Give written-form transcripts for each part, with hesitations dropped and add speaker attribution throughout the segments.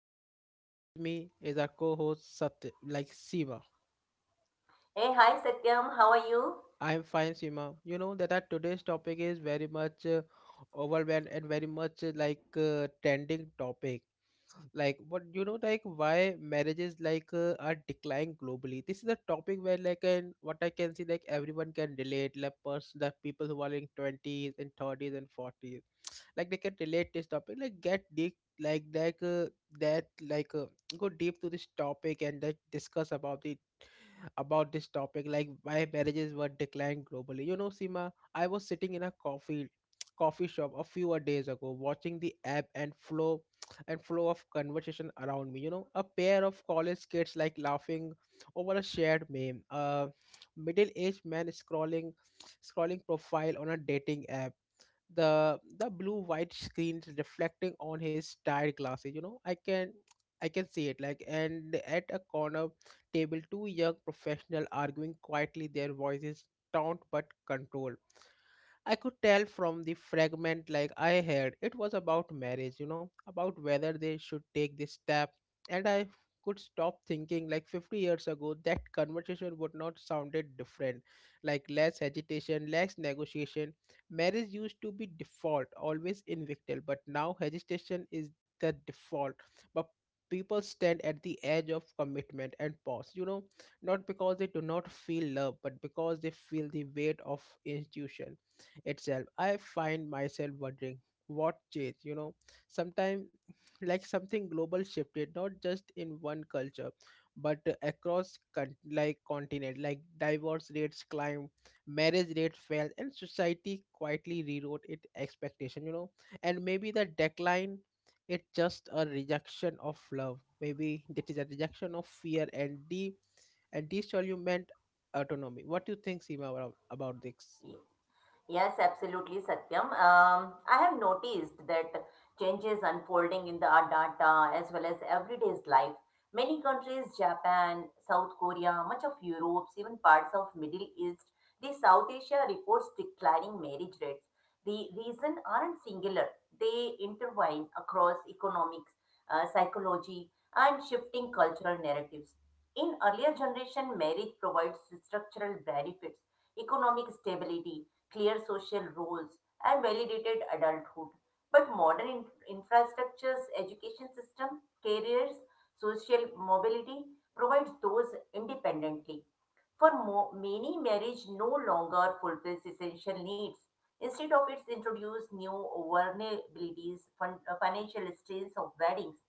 Speaker 1: Satyam, and with me is our co-host Satya, like Seema.
Speaker 2: Hey, hi Satyam, how are you?
Speaker 1: I am fine, Seema. You know that our today's topic is very much overwhelmed and very much like trending topic. Like what, like why marriages like are declining globally. This is a topic where like and what I can see like everyone can relate. Like the people who are in twenties and thirties and forties like they can relate this topic like get deep like that go deep to this topic and that discuss about the about this topic like why marriages were declined globally, Sima. I was sitting in a coffee shop a few days ago, watching the ebb and flow of conversation around me. A pair of college kids like laughing over a shared meme, a middle-aged man scrolling profile on a dating app, the blue white screens reflecting on his tired glasses. I can see it like, and at a corner table, two young professional arguing quietly, their voices taut but controlled. I could tell from the fragment like I heard it was about marriage, about whether they should take this step. And I could stop thinking, like, 50 years ago that conversation would not sounded different. Like less hesitation, less negotiation. Marriage used to be default, always invictal, but now hesitation is the default. But people stand at the edge of commitment and pause, not because they do not feel love, but because they feel the weight of institution itself. I find myself wondering what changed. Sometimes like something global shifted, not just in one culture, but across continent like divorce rates climbed, marriage rates fell, and society quietly rewrote its expectation. And maybe the decline, it's just a rejection of love. Maybe it is a rejection of fear and the and disolvement autonomy. What do you think, Seema, about this?
Speaker 2: Yes, absolutely, Satyam. I have noticed that changes unfolding in the our data as well as everyday's life. Many countries, Japan, South Korea, much of Europe, even parts of Middle East, the South Asia reports declining marriage rates. The reason aren't singular. They intertwine across economics, psychology, and shifting cultural narratives. In earlier generation, marriage provides structural benefits, economic stability, clear social roles, and validated adulthood. But modern infrastructures, education system, careers, social mobility provides those independently. For many, marriage no longer fulfills essential needs. Instead of it, introduce new vulnerabilities, financial strains of weddings,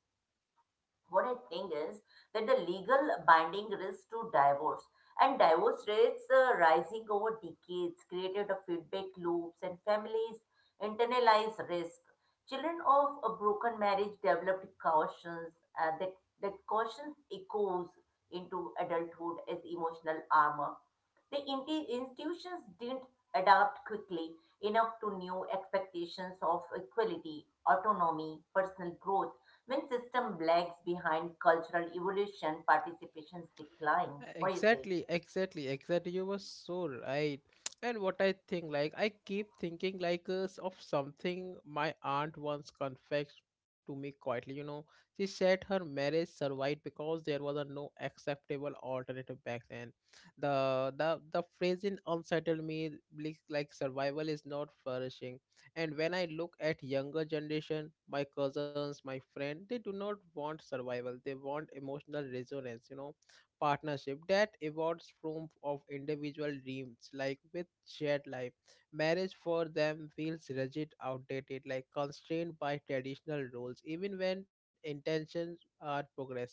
Speaker 2: what I think is that the legal binding risk to divorce and divorce rates rising over decades created a feedback loops and families internalize risk. Children of a broken marriage developed cautions uh, that that caution echoes into adulthood as emotional armor. The institutions didn't adapt quickly enough to new expectations of equality, autonomy, personal growth when system lags behind cultural evolution, participations decline. What do you say?
Speaker 1: Exactly, exactly, exactly. You were so right. And what I think, like, I keep thinking, like, of something my aunt once confessed to me quietly. She said her marriage survived because there was a no acceptable alternative back then. The phrase in unsettled me, like survival is not flourishing. And when I look at younger generation, my cousins, my friend, they do not want survival. They want emotional resonance. Partnership that evolves from of individual dreams like with shared life. Marriage for them feels rigid, outdated, like constrained by traditional roles, even when intentions are progressive.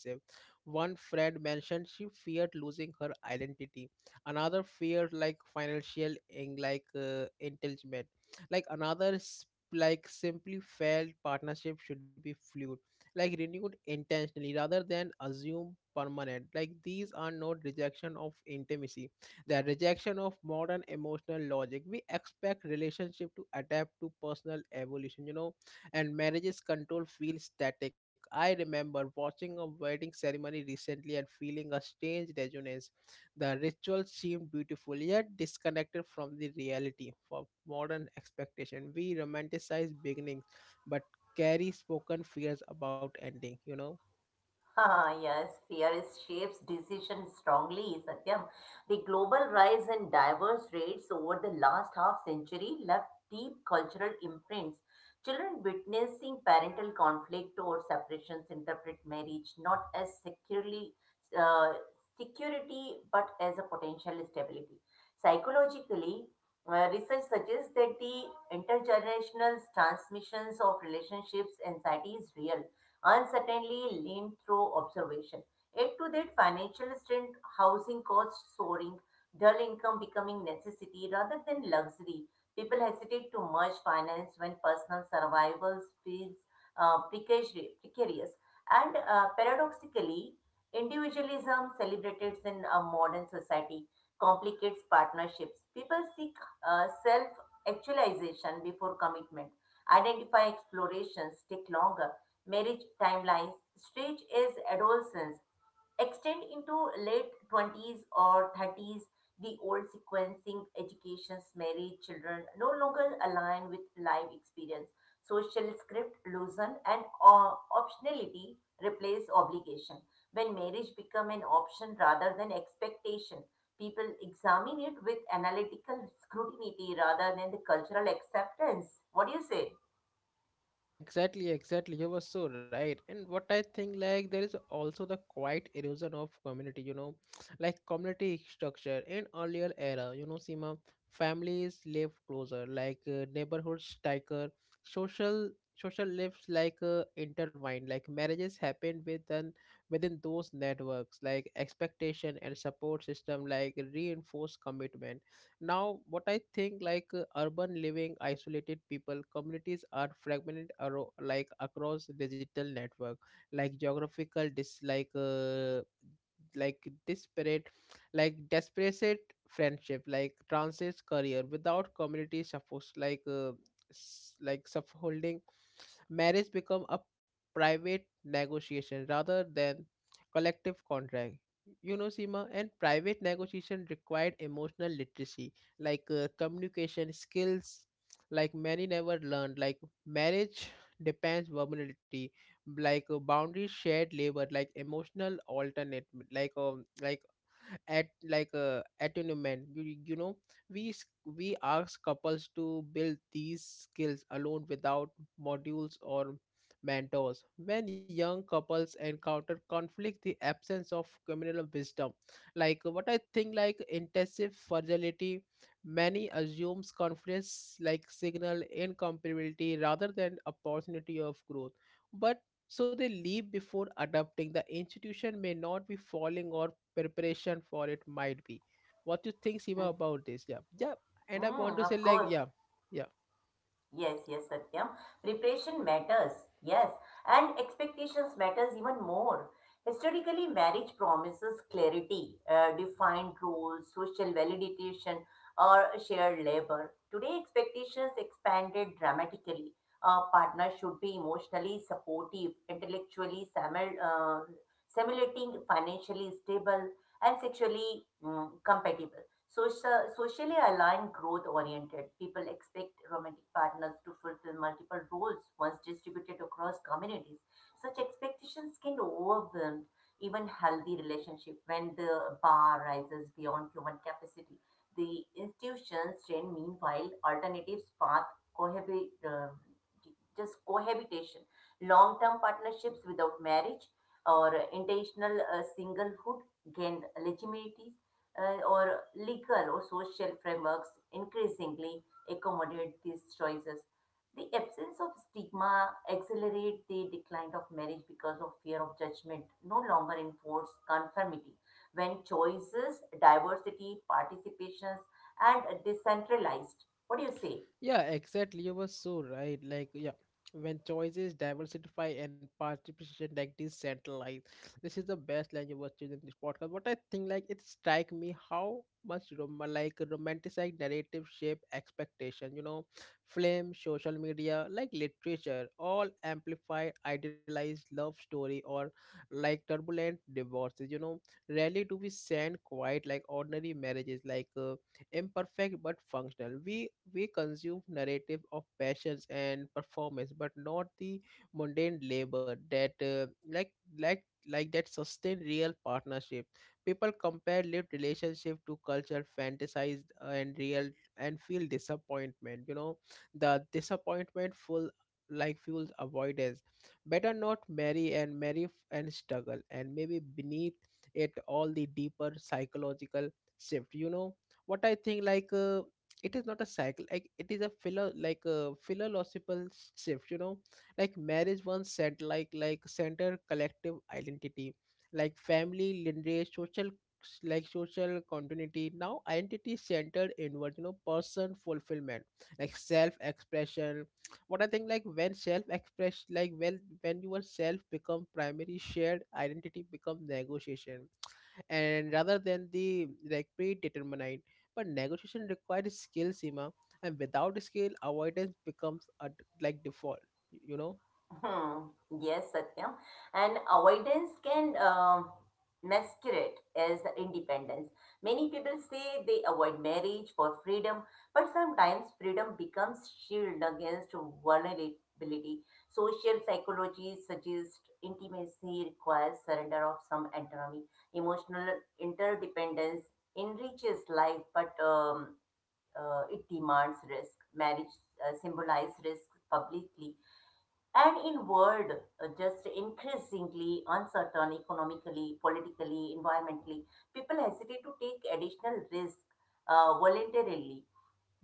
Speaker 1: One friend mentioned she feared losing her identity, another feared like financial in, like, entitlement, like like simply felt partnership should be fluid, like renewed intentionally rather than assume permanent. Like, these are not rejection of intimacy, they are rejection of modern emotional logic. We expect relationship to adapt to personal evolution. And marriage's control feels static. I remember watching a wedding ceremony recently and feeling a strange resonance. The ritual seemed beautiful yet disconnected from the reality of modern expectation. We romanticize beginnings, but carry spoken fears about ending, you know?
Speaker 2: Ah, yes, fear is shapes decision strongly, Satyam. The global rise in divorce rates over the last half century left deep cultural imprints. Children witnessing parental conflict or separations interpret marriage not as securely uh, security but as a potential stability. Psychologically, research suggests that the intergenerational transmissions of relationships anxiety is real. Uncertainly certainly through observation. Add to that financial strain, housing costs soaring, dull income becoming necessity rather than luxury. People hesitate to merge finance when personal survival feels precarious. And paradoxically, individualism celebrated in a modern society complicates partnerships. People seek self actualization before commitment. Identify explorations take longer, marriage timelines stage is adolescence extend into late 20s or 30s, the old sequencing education's married children no longer align with life experience, social script loosen, and optionality replace obligation. When marriage become an option rather than expectation, people examine it with analytical scrutiny rather than the cultural acceptance. What do you say?
Speaker 1: Yeah, exactly, exactly. You were so right. And what I think, like, there is also the quiet erosion of community, like community structure in earlier era, Sima, families live closer, like neighborhoods tighter, social social lives like intertwined, like marriages happen within those networks, like expectation and support system, like reinforce commitment. Now what I think, like, urban living isolated people, communities are fragmented, across digital network, like geographical dislike, like disparate, like desperate friendship, like transit career without community, suppose, like like holding. Marriage become a private negotiation rather than collective contract. Sima, and private negotiation required emotional literacy, like communication skills, like many never learned. Like marriage depends vulnerability, like boundaries shared labor, like emotional alternate, like at like attunement, you know. We ask couples to build these skills alone without modules or mentors. When young couples encounter conflict, the absence of communal wisdom, like what I think like intensive fragility. Many assumes confidence like signal incompatibility rather than opportunity of growth. But so they leave before adopting. The institution may not be falling or preparation for it might be. What you think,
Speaker 2: Hmm.
Speaker 1: Sima, about this? Yeah. Yeah. And I want
Speaker 2: Mm,
Speaker 1: to say
Speaker 2: of
Speaker 1: like,
Speaker 2: course.
Speaker 1: yeah. Yeah.
Speaker 2: Yes, yes, Satyam. Preparation matters. Yes, and expectations matters even more. Historically, marriage promises clarity, defined roles, social validation, or shared labor. Today, expectations expanded dramatically. A partner should be emotionally supportive, intellectually simulating, financially stable, and sexually mm, compatible. Social, socially aligned, growth oriented. People expect romantic partners to fulfill multiple roles once distributed across communities. Such expectations can overwhelm even healthy relationship when the bar rises beyond human capacity. The institutions train, meanwhile, alternatives path cohabit, uh, just cohabitation, long-term partnerships without marriage, or intentional singlehood gained legitimacy, or legal or social frameworks increasingly accommodate these choices. The absence of stigma accelerates the decline of marriage because of fear of judgment, no longer enforce conformity. When choices, diversity, participations, and decentralized. What do you say?
Speaker 1: Yeah, exactly. You were so right. Like, yeah, when choices diversify and participation like decentralized, this is the best line you were choosing this podcast. But I think like it strike me how much romanticized narrative shape expectation. Film, social media, like literature, all amplify idealized love story or like turbulent divorces. Rarely do we send quite like ordinary marriages, like imperfect but functional. We consume narrative of passions and performance, but not the mundane labor that that sustain real partnership. People compare lived relationship to culture fantasized and real and feel disappointment. The disappointment full like fuels avoidance. Better not marry and and struggle. And maybe beneath it all the deeper psychological shift. What I think like it is not a cycle, like it is a philo like a philosophical shift. Like marriage once said like center collective identity, like family lineage social, like social continuity. Now identity is centered inward. Person fulfillment, like self expression. What I think, like, when self express like well, when your self become primary, shared identity become negotiation and rather than the, like, predetermined. But negotiation requires skill, Seema, and without skill, avoidance becomes a, like, default. You know.
Speaker 2: Hmm. Yes, Satyam. And avoidance can masquerade as independence. Many people say they avoid marriage for freedom, but sometimes freedom becomes shield against vulnerability. Social psychology suggests intimacy requires surrender of some autonomy. Emotional interdependence enriches life, but it demands risk. Marriage symbolizes risk publicly, and in world, just increasingly uncertain economically, politically, environmentally, people hesitate to take additional risk voluntarily.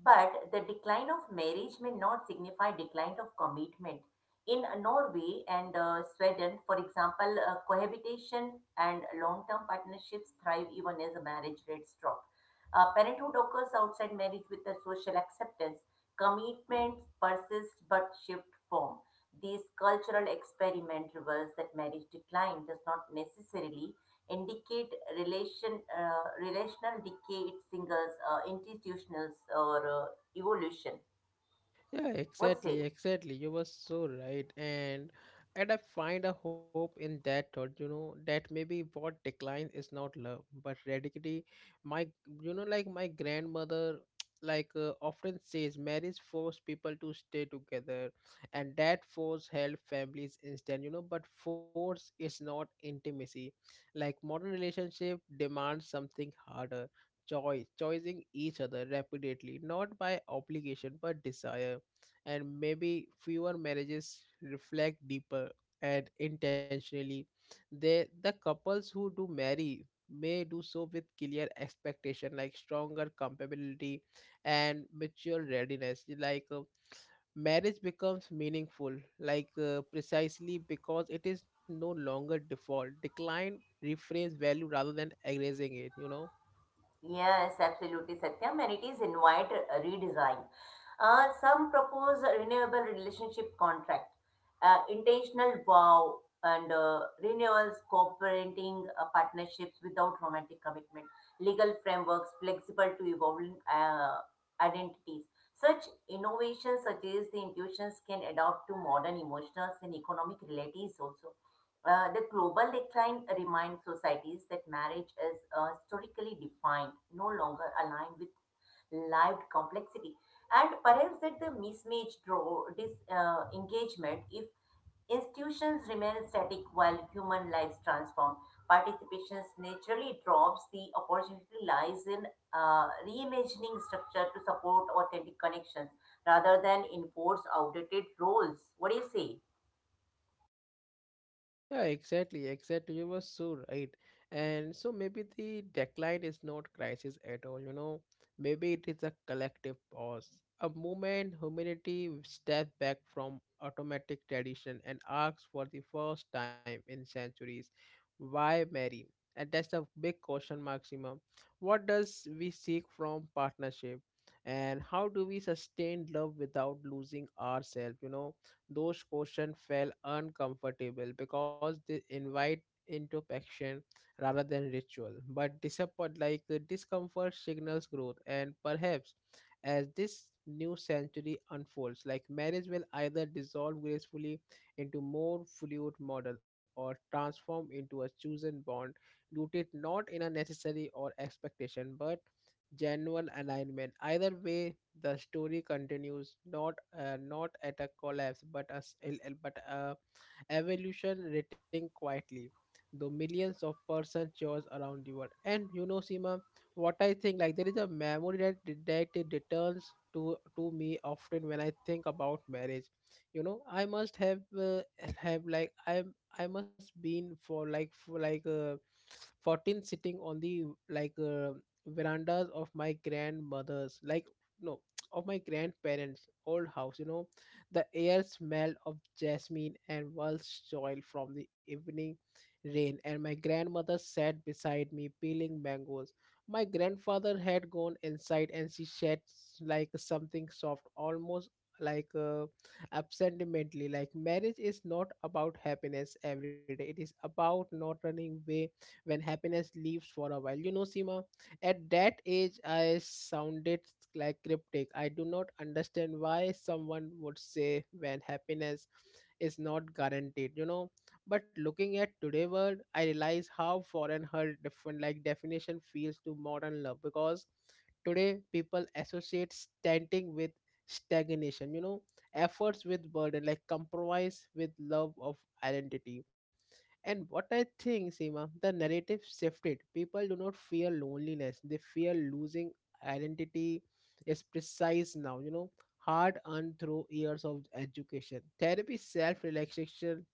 Speaker 2: But the decline of marriage may not signify decline of commitment. In Norway and Sweden, for example, cohabitation and long-term partnerships thrive even as the marriage rates drop. Parenthood occurs outside marriage with a social acceptance. Commitments persist but shift form. These cultural experiment reveals that marriage decline does not necessarily indicate relational decay. It singles institutionals or evolution.
Speaker 1: Yeah,
Speaker 2: What say?
Speaker 1: exactly, exactly. You were so right, and I find a hope in that thought. You know that maybe what decline is not love, but radically, my, you know, like my grandmother like often says marriage forced people to stay together and that force held families instant. But force is not intimacy. Like modern relationship demands something harder. Choice choosing each other repeatedly, not by obligation but desire. And maybe fewer marriages reflect deeper and intentionally. They, the couples who do marry, may do so with clear expectation, like stronger compatibility and mutual readiness, like marriage becomes meaningful, like precisely because it is no longer default. Decline reframes value rather than erasing it, you know.
Speaker 2: Yes, absolutely, Satyam, and it is invite redesign. Some propose a renewable relationship contract, intentional vow, and renewals, cooperating partnerships without romantic commitment, legal frameworks flexible to evolving identities. Such innovations suggest the institutions can adapt to modern emotional and economic realities also. The global decline reminds societies that marriage is historically defined, no longer aligned with lived complexity, and perhaps that the mismatch draw disengagement if institutions remain static while human lives transform. Participation naturally drops. The opportunity lies in reimagining structure to support authentic connections rather than enforce outdated roles. What do you say?
Speaker 1: Yeah, exactly, exactly. You were so right. And so maybe the decline is not crisis at all, you know. Maybe it is a collective pause, a moment humanity steps back from automatic tradition and asks, for the first time in centuries, why Mary? And that's a big question, Maxima. What does we seek from partnership? And how do we sustain love without losing ourselves, you know? Those questions felt uncomfortable because they invite introspection rather than ritual. But disappoint like discomfort signals growth. And perhaps as this new century unfolds, like marriage will either dissolve gracefully into more fluid model or transform into a chosen bond rooted not in a necessary or expectation but genuine alignment. Either way, the story continues, not at a collapse, but a s- el- el- but a evolution written quietly. Though millions of persons chose around the world. And you know, Sima, what I think like there is a memory that it returns to me often when I think about marriage. I must have like I must been for like 14, sitting on the, like, verandas of my grandmother's, like, no, of my grandparents old house. The air smelled of jasmine and walnut oil from the evening rain. And my grandmother sat beside me peeling mangoes. My grandfather had gone inside. And she said, like, something soft, almost like absentimentally, like, marriage is not about happiness every day. It is about not running away when happiness leaves for a while. Seema at that age, I sounded like cryptic. I do not understand why someone would say when happiness is not guaranteed, you know. But looking at today world, I realize how foreign her different like definition feels to modern love, because today people associate standing with stagnation, you know, efforts with burden, like compromise with love of identity. And what I think, Seema, the narrative shifted. People do not fear loneliness, they fear losing identity is precise now, you know, hard earned through years of education. Therapy, self relaxation,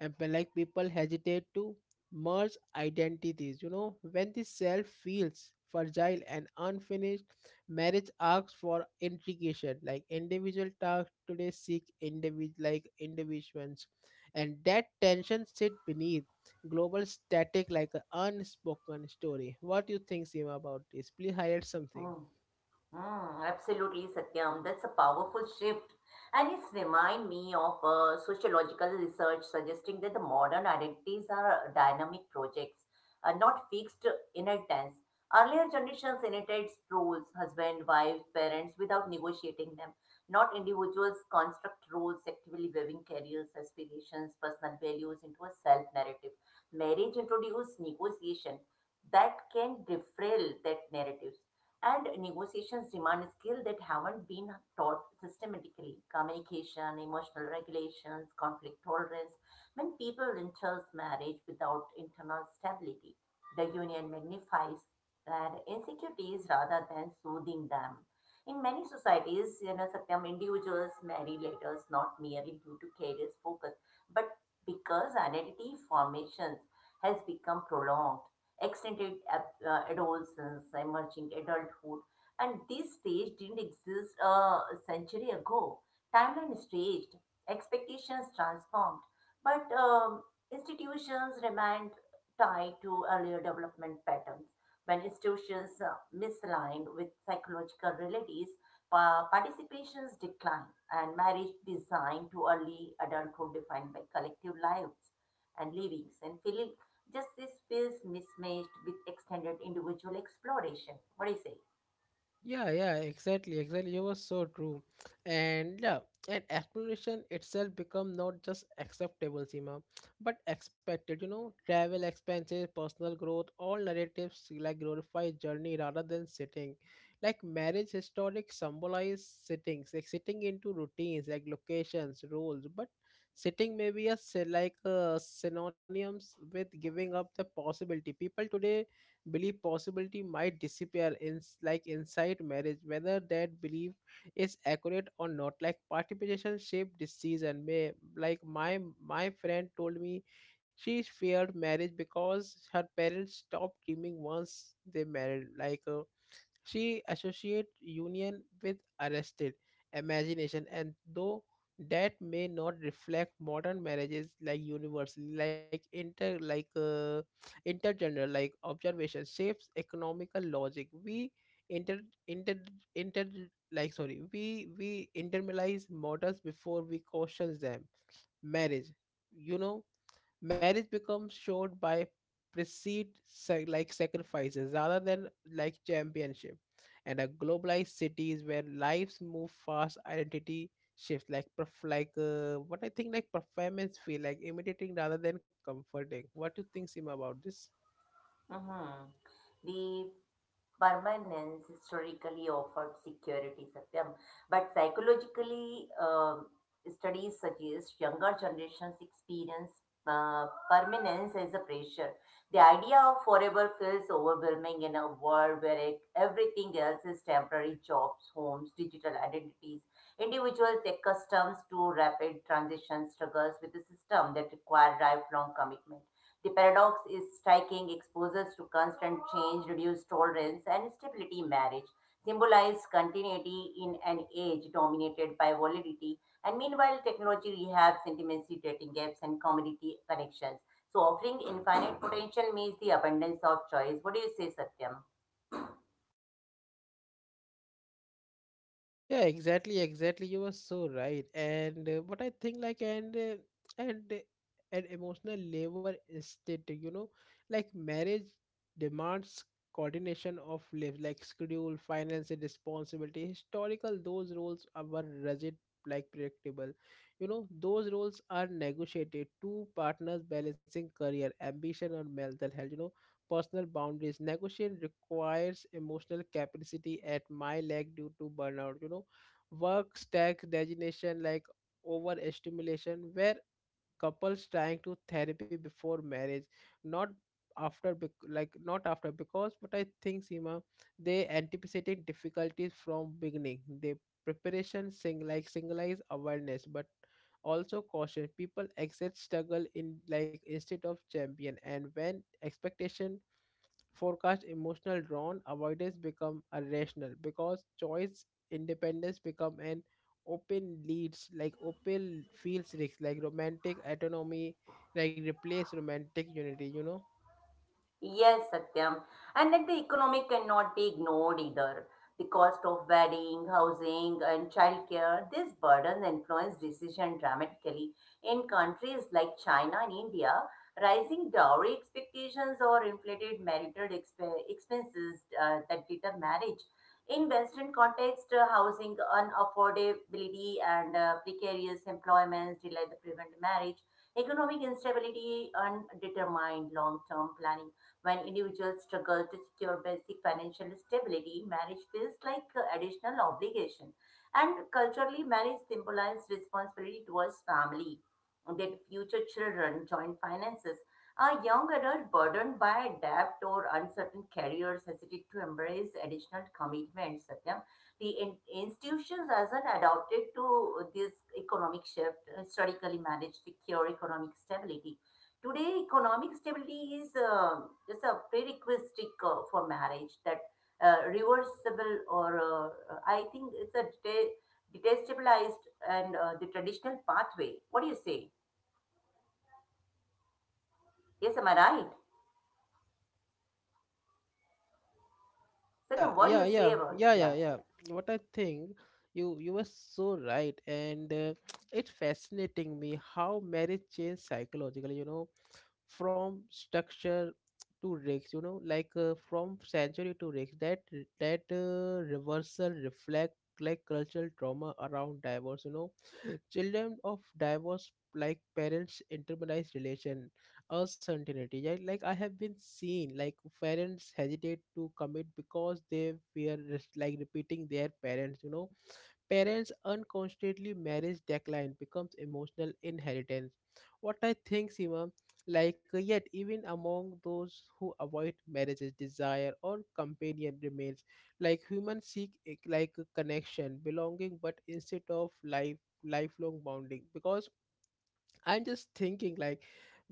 Speaker 1: and people hesitate to merge identities, you know, when the self feels fragile and unfinished. Marriage asks for integration, like individual tasks today seek individual individuals, and that tension sit beneath global static like an unspoken story. What do you think, Seema, about this? Please highlight something.
Speaker 2: Hmm. Hmm. Absolutely, Satyam. That's a powerful shift. And it's remind me of sociological research suggesting that the modern identities are dynamic projects, not fixed inheritance. Earlier generations inherited roles, husband, wife, parents, without negotiating them. Not individuals construct roles, actively weaving careers, aspirations, personal values into a self narrative. Marriage introduced negotiation that can derail that narrative. And negotiations demand skills that haven't been taught systematically communication, emotional regulations, conflict tolerance. When people enter marriage without internal stability, the union magnifies their insecurities rather than soothing them. In many societies, you know, Satyam, individuals marry later not merely due to career focus, but because identity formation has become prolonged extended adolescence, emerging adulthood, and this stage didn't exist a century ago. Timeline is staged, expectations transformed, but institutions remained tied to earlier development patterns. When institutions misaligned with psychological realities, participations decline, and marriage designed to early adulthood defined by collective lives and livings and feelings. Justice feels mismatched with extended individual exploration. What do you say?
Speaker 1: Yeah, yeah, exactly, exactly. You were so true. And yeah, and exploration itself become not just acceptable, Seema, but expected. You know, travel expenses, personal growth, all narratives like glorify journey rather than sitting. Like marriage historic symbolize sittings, like sitting into routines, like locations, roles. But sitting may be a synonyms with giving up the possibility. People today belief possibility might disappear in like inside marriage, whether that belief is accurate or not, like participation shaped decision may like my friend told me she feared marriage because her parents stopped dreaming once they married, she associates union with arrested imagination, and though that may not reflect modern marriages like universally, like intergender, like observation shapes economical logic. We inter inter inter we internalize models before we question them. Marriage, you know, marriage becomes showed by precede sa- like sacrifices rather than like championship, and a globalized cities where lives move fast, identity shifts like perf- like what I think like performance feel like imitating rather than comforting. What do you think, Sima, about this?
Speaker 2: Mm-hmm. The permanence historically offered security, Satyam, but psychologically, studies suggest younger generations experience permanence as a pressure. The idea of forever feels overwhelming in a world where everything else is temporary jobs, homes, digital identities. Individuals accustomed to rapid transition struggles with a system that require lifelong commitment. The paradox is striking, exposures to constant change, reduced tolerance, and stability in marriage symbolize continuity in an age dominated by volatility. And meanwhile, technology rehabs intimacy, dating gaps, and community connections. So, offering infinite potential means the abundance of choice. What do you say, Satyam?
Speaker 1: Yeah, exactly, exactly. You were so right. And what I think, like, and an emotional labor state, you know, like marriage demands coordination of lives, like schedule, finance, and responsibility. Historical, those roles are were rigid, like predictable. You know, those roles are negotiated. Two partners balancing career, ambition, or mental health. You know, personal boundaries. Negotiation requires emotional capacity at my leg due to burnout. You know, work stack designation like overstimulation, where couples trying to therapy before marriage, not after not after because, but I think, Sima, they anticipating difficulties from beginning. They preparation sing like singleize awareness, but also caution people accept struggle in like instead of champion. And when expectation forecast emotional drawn, avoidance become irrational because choice independence become an open feels risks, like romantic autonomy like replace romantic unity, you know.
Speaker 2: Yes, Satyam. And that the economic cannot be ignored either. The cost of wedding, housing, and childcare, these burdens influence decision dramatically. In countries like China and India, rising dowry expectations or inflated marital expenses that deter marriage. In Western context, housing unaffordability and precarious employments delay the prevent marriage. Economic instability, undetermined long-term planning when individuals struggle to secure basic financial stability, marriage feels like additional obligation. And culturally, marriage symbolizes responsibility towards family, that future children, joint finances. A young adult burdened by debt or uncertain careers hesitate to embrace additional commitments, Satyam. The institutions hasn't adapted to this economic shift. Historically, marriage secure economic stability. Today, economic stability is just a prerequisite for marriage that reversible, or I think it's a detestabilized and the traditional pathway. What do you say? Yes, am I right?
Speaker 1: Yeah,
Speaker 2: Sadam, what do
Speaker 1: yeah,
Speaker 2: you say
Speaker 1: yeah,
Speaker 2: about it?
Speaker 1: yeah, yeah,
Speaker 2: Yes,
Speaker 1: yeah.
Speaker 2: yes.
Speaker 1: What I think, you were so right, and it's fascinating me how marriage changed psychologically. You know, from structure to risk. You know, like from sanctuary to risk. That reversal reflect like cultural trauma around divorce. You know, children of divorce like parents internalized relation a certainty. Yeah, like I have been seen like parents hesitate to commit because they fear repeating their parents, you know. Parents unconsciously marriage decline becomes emotional inheritance. What I think, Sima, yet even among those who avoid marriages, desire or companion remains. Like humans seek a connection belonging, but instead of life lifelong bonding, because I'm just thinking like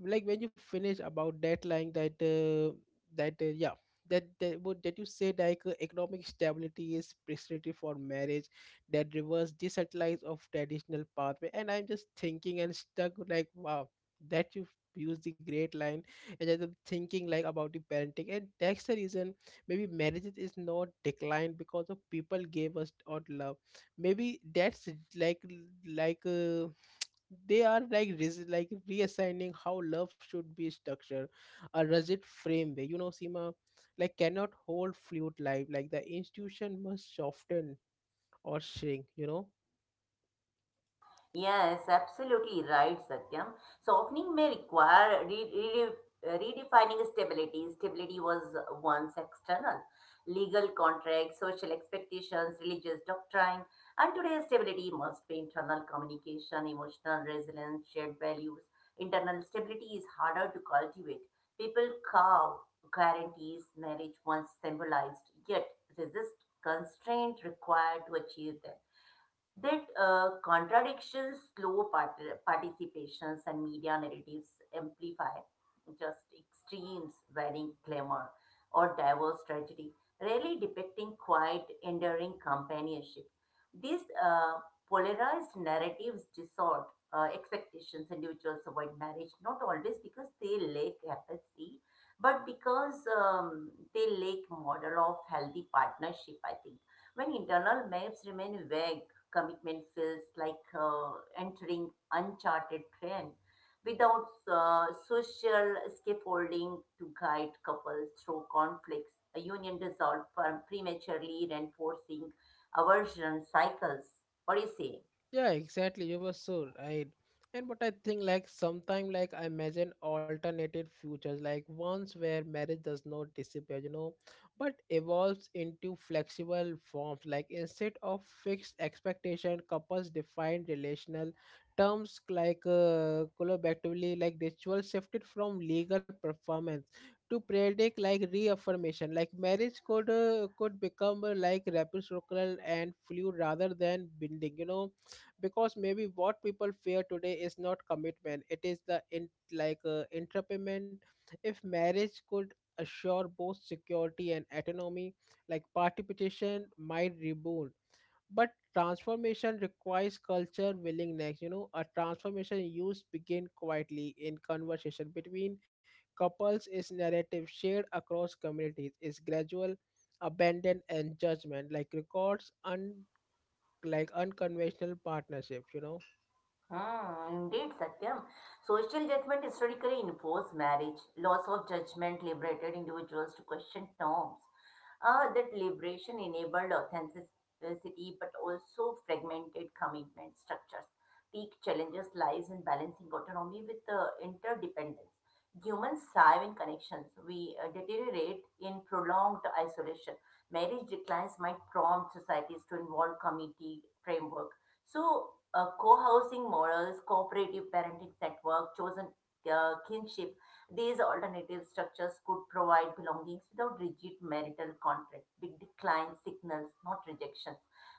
Speaker 1: like when you finish about that line, that that yeah that that what that you said, economic stability is preparatory for marriage, that reverse desatellite of traditional pathway, and I'm just thinking and stuck with, like, wow, that you use the great line. And I'm thinking like about the parenting, and that's the reason maybe marriage is not declined because of people gave us odd love. Maybe that's like like uh, they are like reassigning how love should be structured. A rigid frame way, you know, Sima, like cannot hold fluid life. Like the institution must soften or shrink, you know.
Speaker 2: Yes, absolutely right, Satyam. Softening may require re re redefining stability. Stability was once external. Legal contracts, social expectations, religious doctrine, and today stability must be internal communication, emotional resilience, shared values. Internal stability is harder to cultivate. People cow guarantees marriage once symbolized, yet resist constraint required to achieve them, that contradictions, slow participations, and media narratives amplify just extremes wearing glamour or diverse tragedy, rarely depicting quiet, enduring companionship. These polarized narratives distort expectations. Individuals avoid marriage not always because they lack empathy, but because they lack model of healthy partnership. I think when internal maps remain vague, commitment feels like entering uncharted terrain without social scaffolding to guide couples through conflicts. A union dissolved prematurely, reinforcing aversion cycles. What do you say?
Speaker 1: Yeah, exactly. You were so right. And but I think like sometime, like, I imagine alternative futures, like ones where marriage does not disappear, you know, but evolves into flexible forms. Like instead of fixed expectation, couples define relational terms collaboratively, like ritual shifted from legal performance to periodic like reaffirmation. Like marriage could become like reciprocal and fluid rather than binding, you know. Because maybe what people fear today is not commitment, it is the in entrepreneur. If marriage could assure both security and autonomy, like participation might rebound. But transformation requires culture willingness, you know. A transformation used begin quietly in conversation between couples is narrative shared across communities is gradual abandon and judgment, like records unconventional partnerships, you know.
Speaker 2: Hmm, indeed, Satyam. Social judgment historically imposed marriage. Laws of judgment liberated individuals to question norms, that liberation enabled authenticity but also fragmented commitment structures. Peak challenges lies in balancing autonomy with interdependence. Humans thrive in connections. We deteriorate in prolonged isolation. Marriage declines might prompt societies to involve community framework. So, co-housing models, cooperative parenting network, chosen kinship, these alternative structures could provide belongings without rigid marital contract. Big decline signals, not rejection,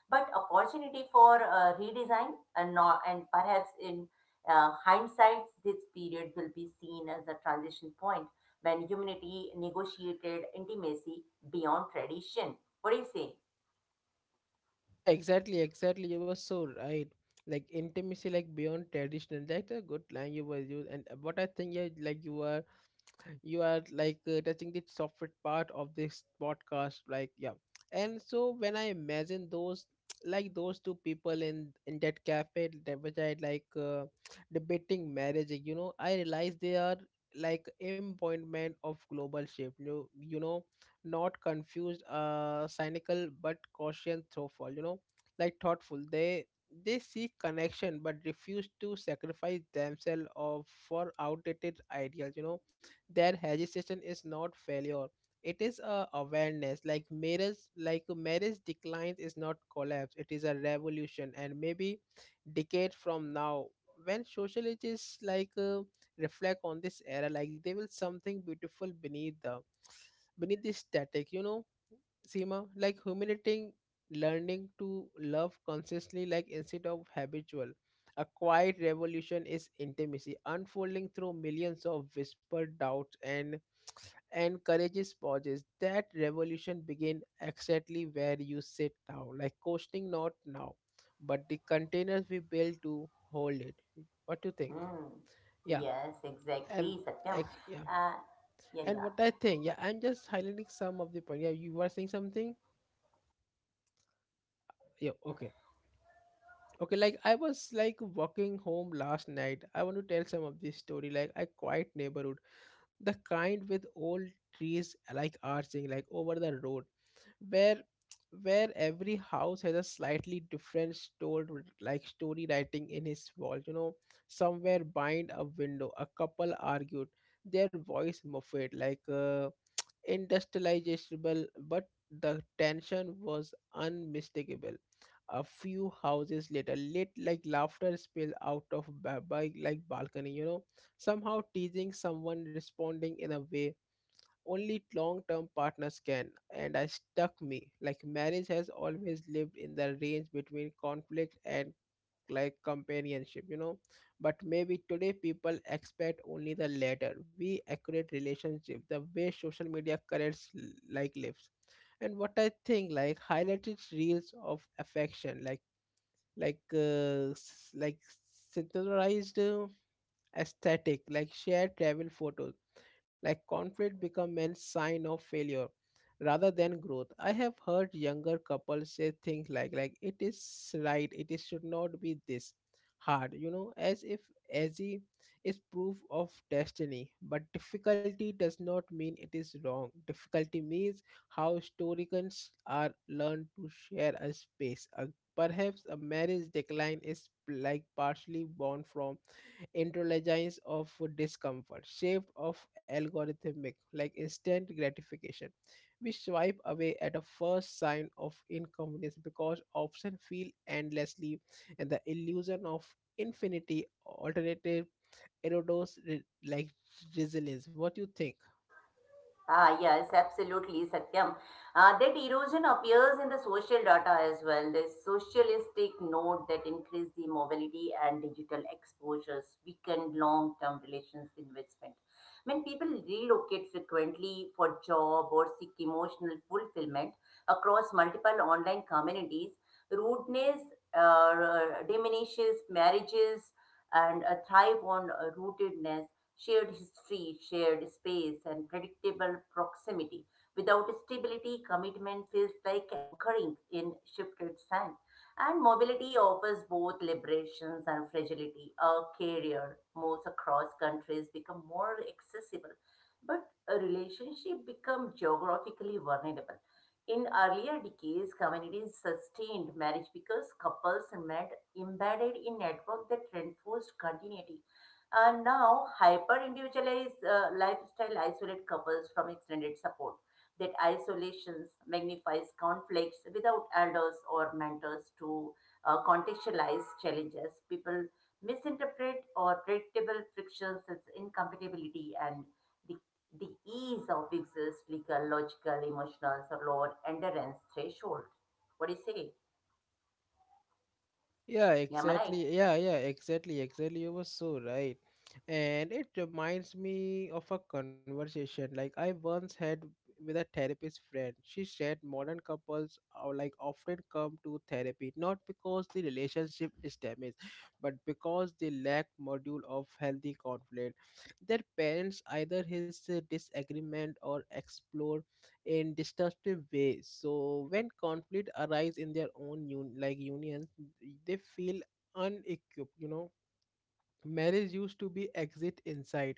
Speaker 2: but opportunity for redesign, and, not, and perhaps in hindsight, this period will be seen as a transition point when humanity negotiated intimacy beyond tradition. What do you say?
Speaker 1: Yeah, exactly, exactly. You were so right. Like intimacy, like beyond traditional. That's a good line you were used. And what I think, yeah, like you were you are touching the software part of this podcast, like, yeah. And so when I imagine those like those two people in that cafe, that which I debating marriage, you know, I realize they are like embodiment of global shift, you know, not confused, cynical but cautious, thoughtful, you know, like thoughtful. They seek connection but refuse to sacrifice themselves of for outdated ideals, you know. Their hesitation is not failure, it is a awareness. Like marriage decline is not collapse, it is a revolution. And maybe decade from now, when sociologists reflect on this era, like, they will something beautiful beneath the beneath this static, you know. Seema, like humiliating, learning to love consciously, like instead of habitual. A quiet revolution is intimacy, unfolding through millions of whispered doubts and courageous pauses. That revolution begin exactly where you sit now, like coasting not now, but the containers we build to hold it. What do you think?
Speaker 2: Hmm.
Speaker 1: Yeah,
Speaker 2: Yes,
Speaker 1: and
Speaker 2: exactly, Satyam.
Speaker 1: ec- yeah,
Speaker 2: Uh, yeah, yeah.
Speaker 1: what I think. Yeah, I'm just highlighting some of the point. Yeah, you were saying something. Yeah,
Speaker 2: Can.
Speaker 1: okay. Okay, like I was like walking home last night. I want to tell some of this story. Like a quiet neighborhood, the kind with old trees like arching like over the road, where every house has a slightly different story, like story writing in his wall. You know, somewhere behind a window, a couple argued, their voice muffled like. Industrializable, but the tension was unmistakable. A few houses later, lit like laughter spilled out of ba- by like balcony. You know, somehow teasing, someone responding in a way only long-term partners can. And I stuck me like marriage has always lived in the range between conflict and like companionship, you know. But maybe today people expect only the latter. We accurate relationship the way social media creates lives. And what I think, like, highlighted reels of affection, like like uh, s- like synthesized aesthetic, like shared travel photos, like conflict become a sign of failure rather than growth. I have heard younger couples say things like it is right, it is should not be this hard, you know, as if easy is proof of destiny. But difficulty does not mean it is wrong. Difficulty means how historians are learned to share a space. A, perhaps a marriage decline is like partially born from intelligence of discomfort, shift of algorithmic, like instant gratification. We swipe away at a first sign of inconvenience because options feel endlessly, and the illusion of infinity alternative erodes resilience. What do you think?
Speaker 2: Ah, yes, absolutely, Satyam. That erosion appears in the social data as well. The socialistic note that increased the mobility and digital exposures weakened long-term relations investment. When people relocate frequently for job or seek emotional fulfillment across multiple online communities, rudeness uh, diminishes marriages and thrive on rootedness shared history, shared space, and predictable proximity. Without stability, commitment feels like anchoring in shifted sand. And mobility offers both liberations and fragility. A career moves across countries become more accessible, but a relationship become geographically vulnerable. In earlier decades, communities sustained marriage because couples met embedded in network that reinforced continuity. And now, hyper-individualized lifestyle isolate couples from extended support. That isolation magnifies conflicts without elders or mentors to contextualize challenges. People misinterpret or predictable frictions as incompatibility, and the, the ease of exists legal, logical, emotional, or lower endurance threshold. What do you say?
Speaker 1: Yeah,
Speaker 2: Yeah, am I right?
Speaker 1: exactly. Yeah, yeah, exactly, exactly. You were so right. And it reminds me of a conversation like I once had with a therapist friend. She said modern couples are like often come to therapy not because the relationship is damaged, but because they lack module of healthy conflict. Their parents either his disagreement or explore in destructive ways. So when conflict arise in their own unions, they feel unequipped. You know, marriage used to be exit inside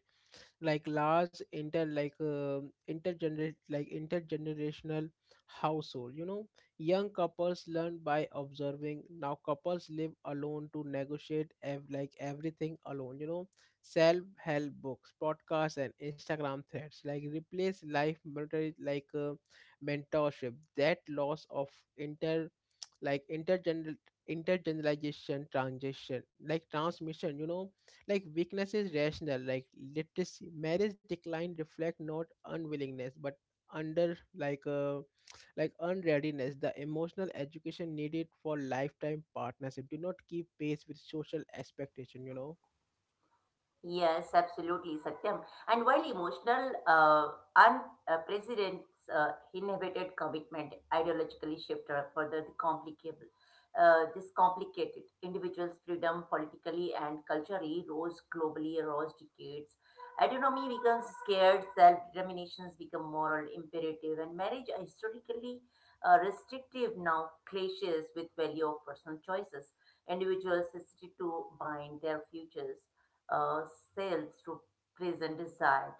Speaker 1: like large inter like intergenerate like intergenerational household, you know. Young couples learn by observing. Now couples live alone to negotiate everything alone, you know. Self help books, podcasts, and Instagram threads like replace life mentor, mentorship. That loss of like intergeneralization transition like transmission, you know, like weakness is rational like literacy. Marriage decline reflect not unwillingness but under like unreadiness. The emotional education needed for lifetime partnership do not keep pace with social expectation, you know.
Speaker 2: Yes, absolutely, Satyam. And while emotional, unprecedented uh, inhibited commitment ideologically shift or further the complicable, this complicated individuals' freedom politically and culturally rose globally, rose decades. Autonomy becomes scared, self-determinations become moral imperative, and marriage are historically restrictive now clashes with value of personal choices. Individuals hesitate to bind their futures uh, cells to present desire.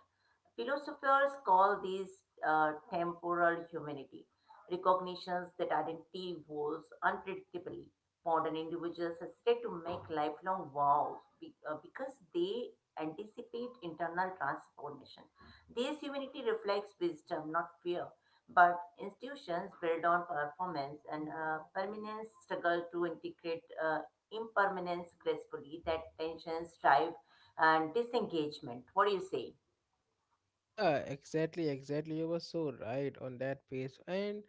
Speaker 2: Philosophers call these temporal humanity, recognitions that identity evolves unpredictably. Modern individuals hesitate to make lifelong vows because they anticipate internal transformation. This humanity reflects wisdom, not fear. But institutions built on performance and permanence struggle to integrate impermanence gracefully. That tensions drive and disengagement. What do you say?
Speaker 1: Yeah, exactly, exactly. You were so right on that page. And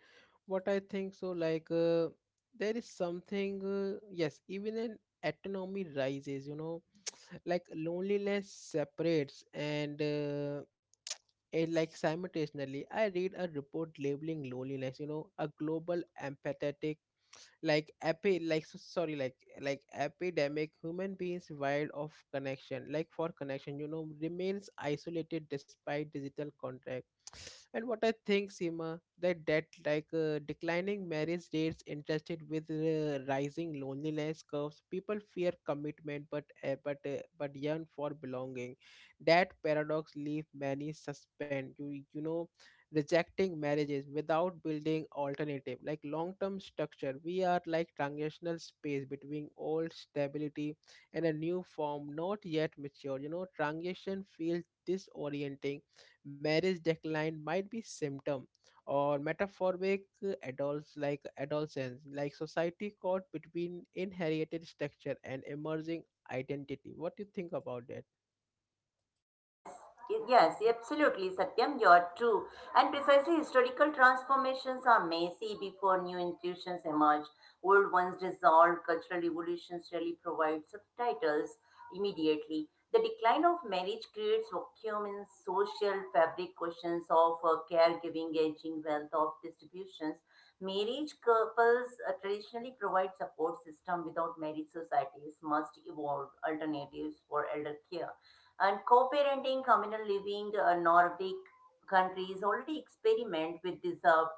Speaker 1: what I think so, like, there is something, yes, even an autonomy rises, you know, like loneliness separates and it like simultaneously. I read a report labeling loneliness, you know, a global empathetic like epi like so- sorry like epidemic. Human beings wild of connection like for connection, you know, remains isolated despite digital contact. And what I think, Sima, that declining marriage rates interested with rising loneliness curves. People fear commitment, but yearn for belonging. That paradox leave many suspend, you know, rejecting marriages without building alternative like long term structure. We are like transitional space between old stability and a new form not yet mature, you know. Transition feels disorienting. Marriage decline might be symptom or metaphoric, adults like adolescence, like society caught between inherited structure and emerging identity. What do you think about that?
Speaker 2: Yes, yes, absolutely, Satyam, you're true. And precisely historical transformations are messy before new intuitions emerge. Old ones dissolve, cultural evolutions really provide subtitles immediately. The decline of marriage creates vacuum in social fabric questions of caregiving, aging, wealth of distributions. Marriage couples traditionally provide support system without marriage societies must evolve alternatives for elder care and co-parenting, communal living, Nordic countries already experiment with deserved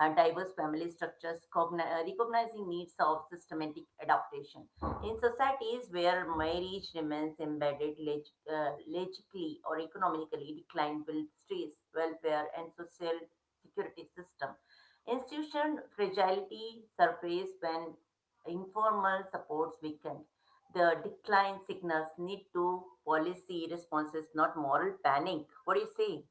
Speaker 2: and diverse family structures, recognizing needs of systematic adaptation. In societies where marriage remains embedded logically or economically, decline will stress, welfare, and social security system. Institution fragility surface when informal supports weakened. The decline signals need to policy responses, not moral panic. What do you say?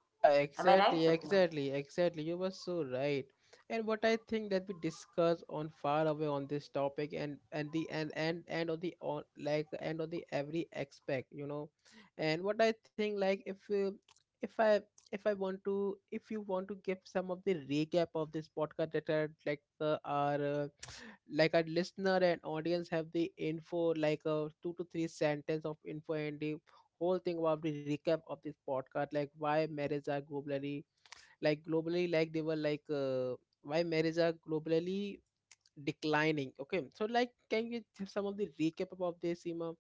Speaker 1: Yeah,
Speaker 2: Am I right,
Speaker 1: exactly,
Speaker 2: Satyam?
Speaker 1: exactly, exactly. You were so right. And what I think that we discuss on far away on this topic, and on the on like and on the every aspect, you know. And what I think, like, if I if I want to, if you want to give some of the recap of this podcast, that are like a listener and audience have the info like a two to three sentence of info and the whole thing about the recap of this podcast, like why marriage are globally like they were like why marriage are globally declining. Okay, so like can you give some of the recap about this, Seema,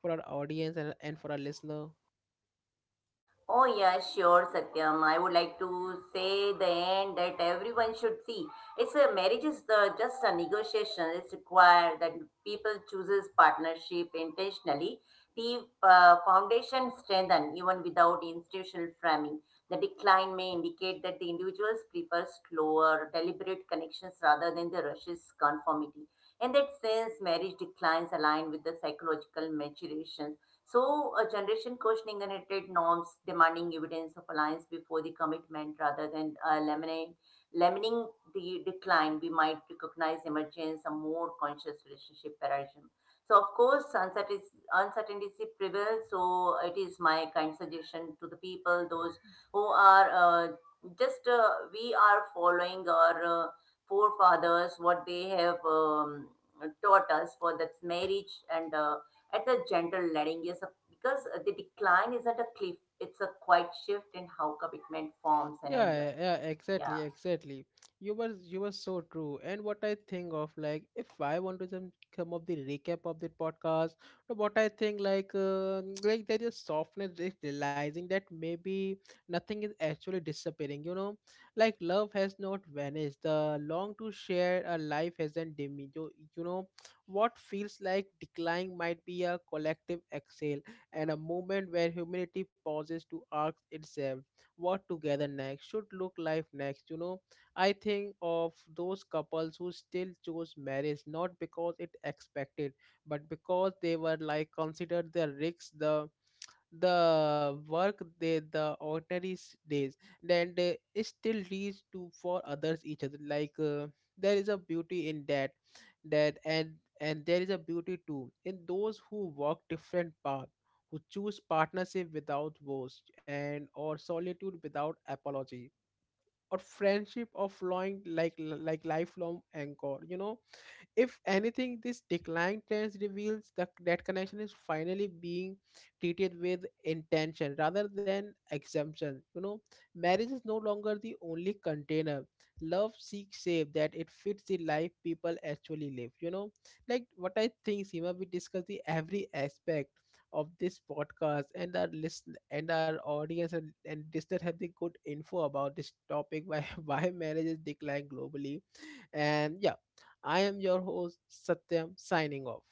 Speaker 1: for our audience and for our listener?
Speaker 2: Oh, yeah, sure, Satyam. I would like to say the end that everyone should see. It's a marriage is the just a negotiation. It's required that people chooses partnership intentionally. The foundation strengthen even without institutional framing. The decline may indicate that the individuals prefer slower, deliberate connections rather than the rushes conformity. In that sense, marriage declines align with the psychological maturation, so a generation questioning inherited norms, demanding evidence of alliance before the commitment rather than lamining the decline, we might recognize emergence, a more conscious relationship paradigm. So, of course, uncertainty prevails. So, it is my kind suggestion to the people, those who are just we are following our forefathers, what they have taught us for that marriage and at a gentle letting. Yes, because the decline isn't a cliff, it's a quiet shift in how commitment forms and
Speaker 1: Yeah,
Speaker 2: endures.
Speaker 1: yeah, exactly,
Speaker 2: Yeah.
Speaker 1: exactly. You were so true. And what I think of, like, if I want to some come up the recap of the podcast, so what I think like like there is softness is realizing that maybe nothing is actually disappearing. You know, like love has not vanished. The long to share a life hasn't diminished. You know, what feels like decline might be a collective exhale, and a moment where humanity pauses to ask itself what together next should look like next, you know. I think of those couples who still chose marriage not because it expected, but because they were like considered the risks, the work they, the ordinary days, then it still leads to for others each other, there is a beauty in that. That and and there is a beauty too in those who walk different paths, who choose partnership without vows, and or solitude without apology, or friendship of flowing like lifelong anchor, you know. If anything, this decline trends reveals that connection is finally being treated with intention rather than exemption. You know, marriage is no longer the only container. Love seeks shape that it fits the life people actually live. You know, like what I think, Seema, we discussed the every aspect of this podcast, and our listen and our audience and listener have the good info about this topic, why why marriage is declining globally. And yeah, I am your host, Satyam, signing off.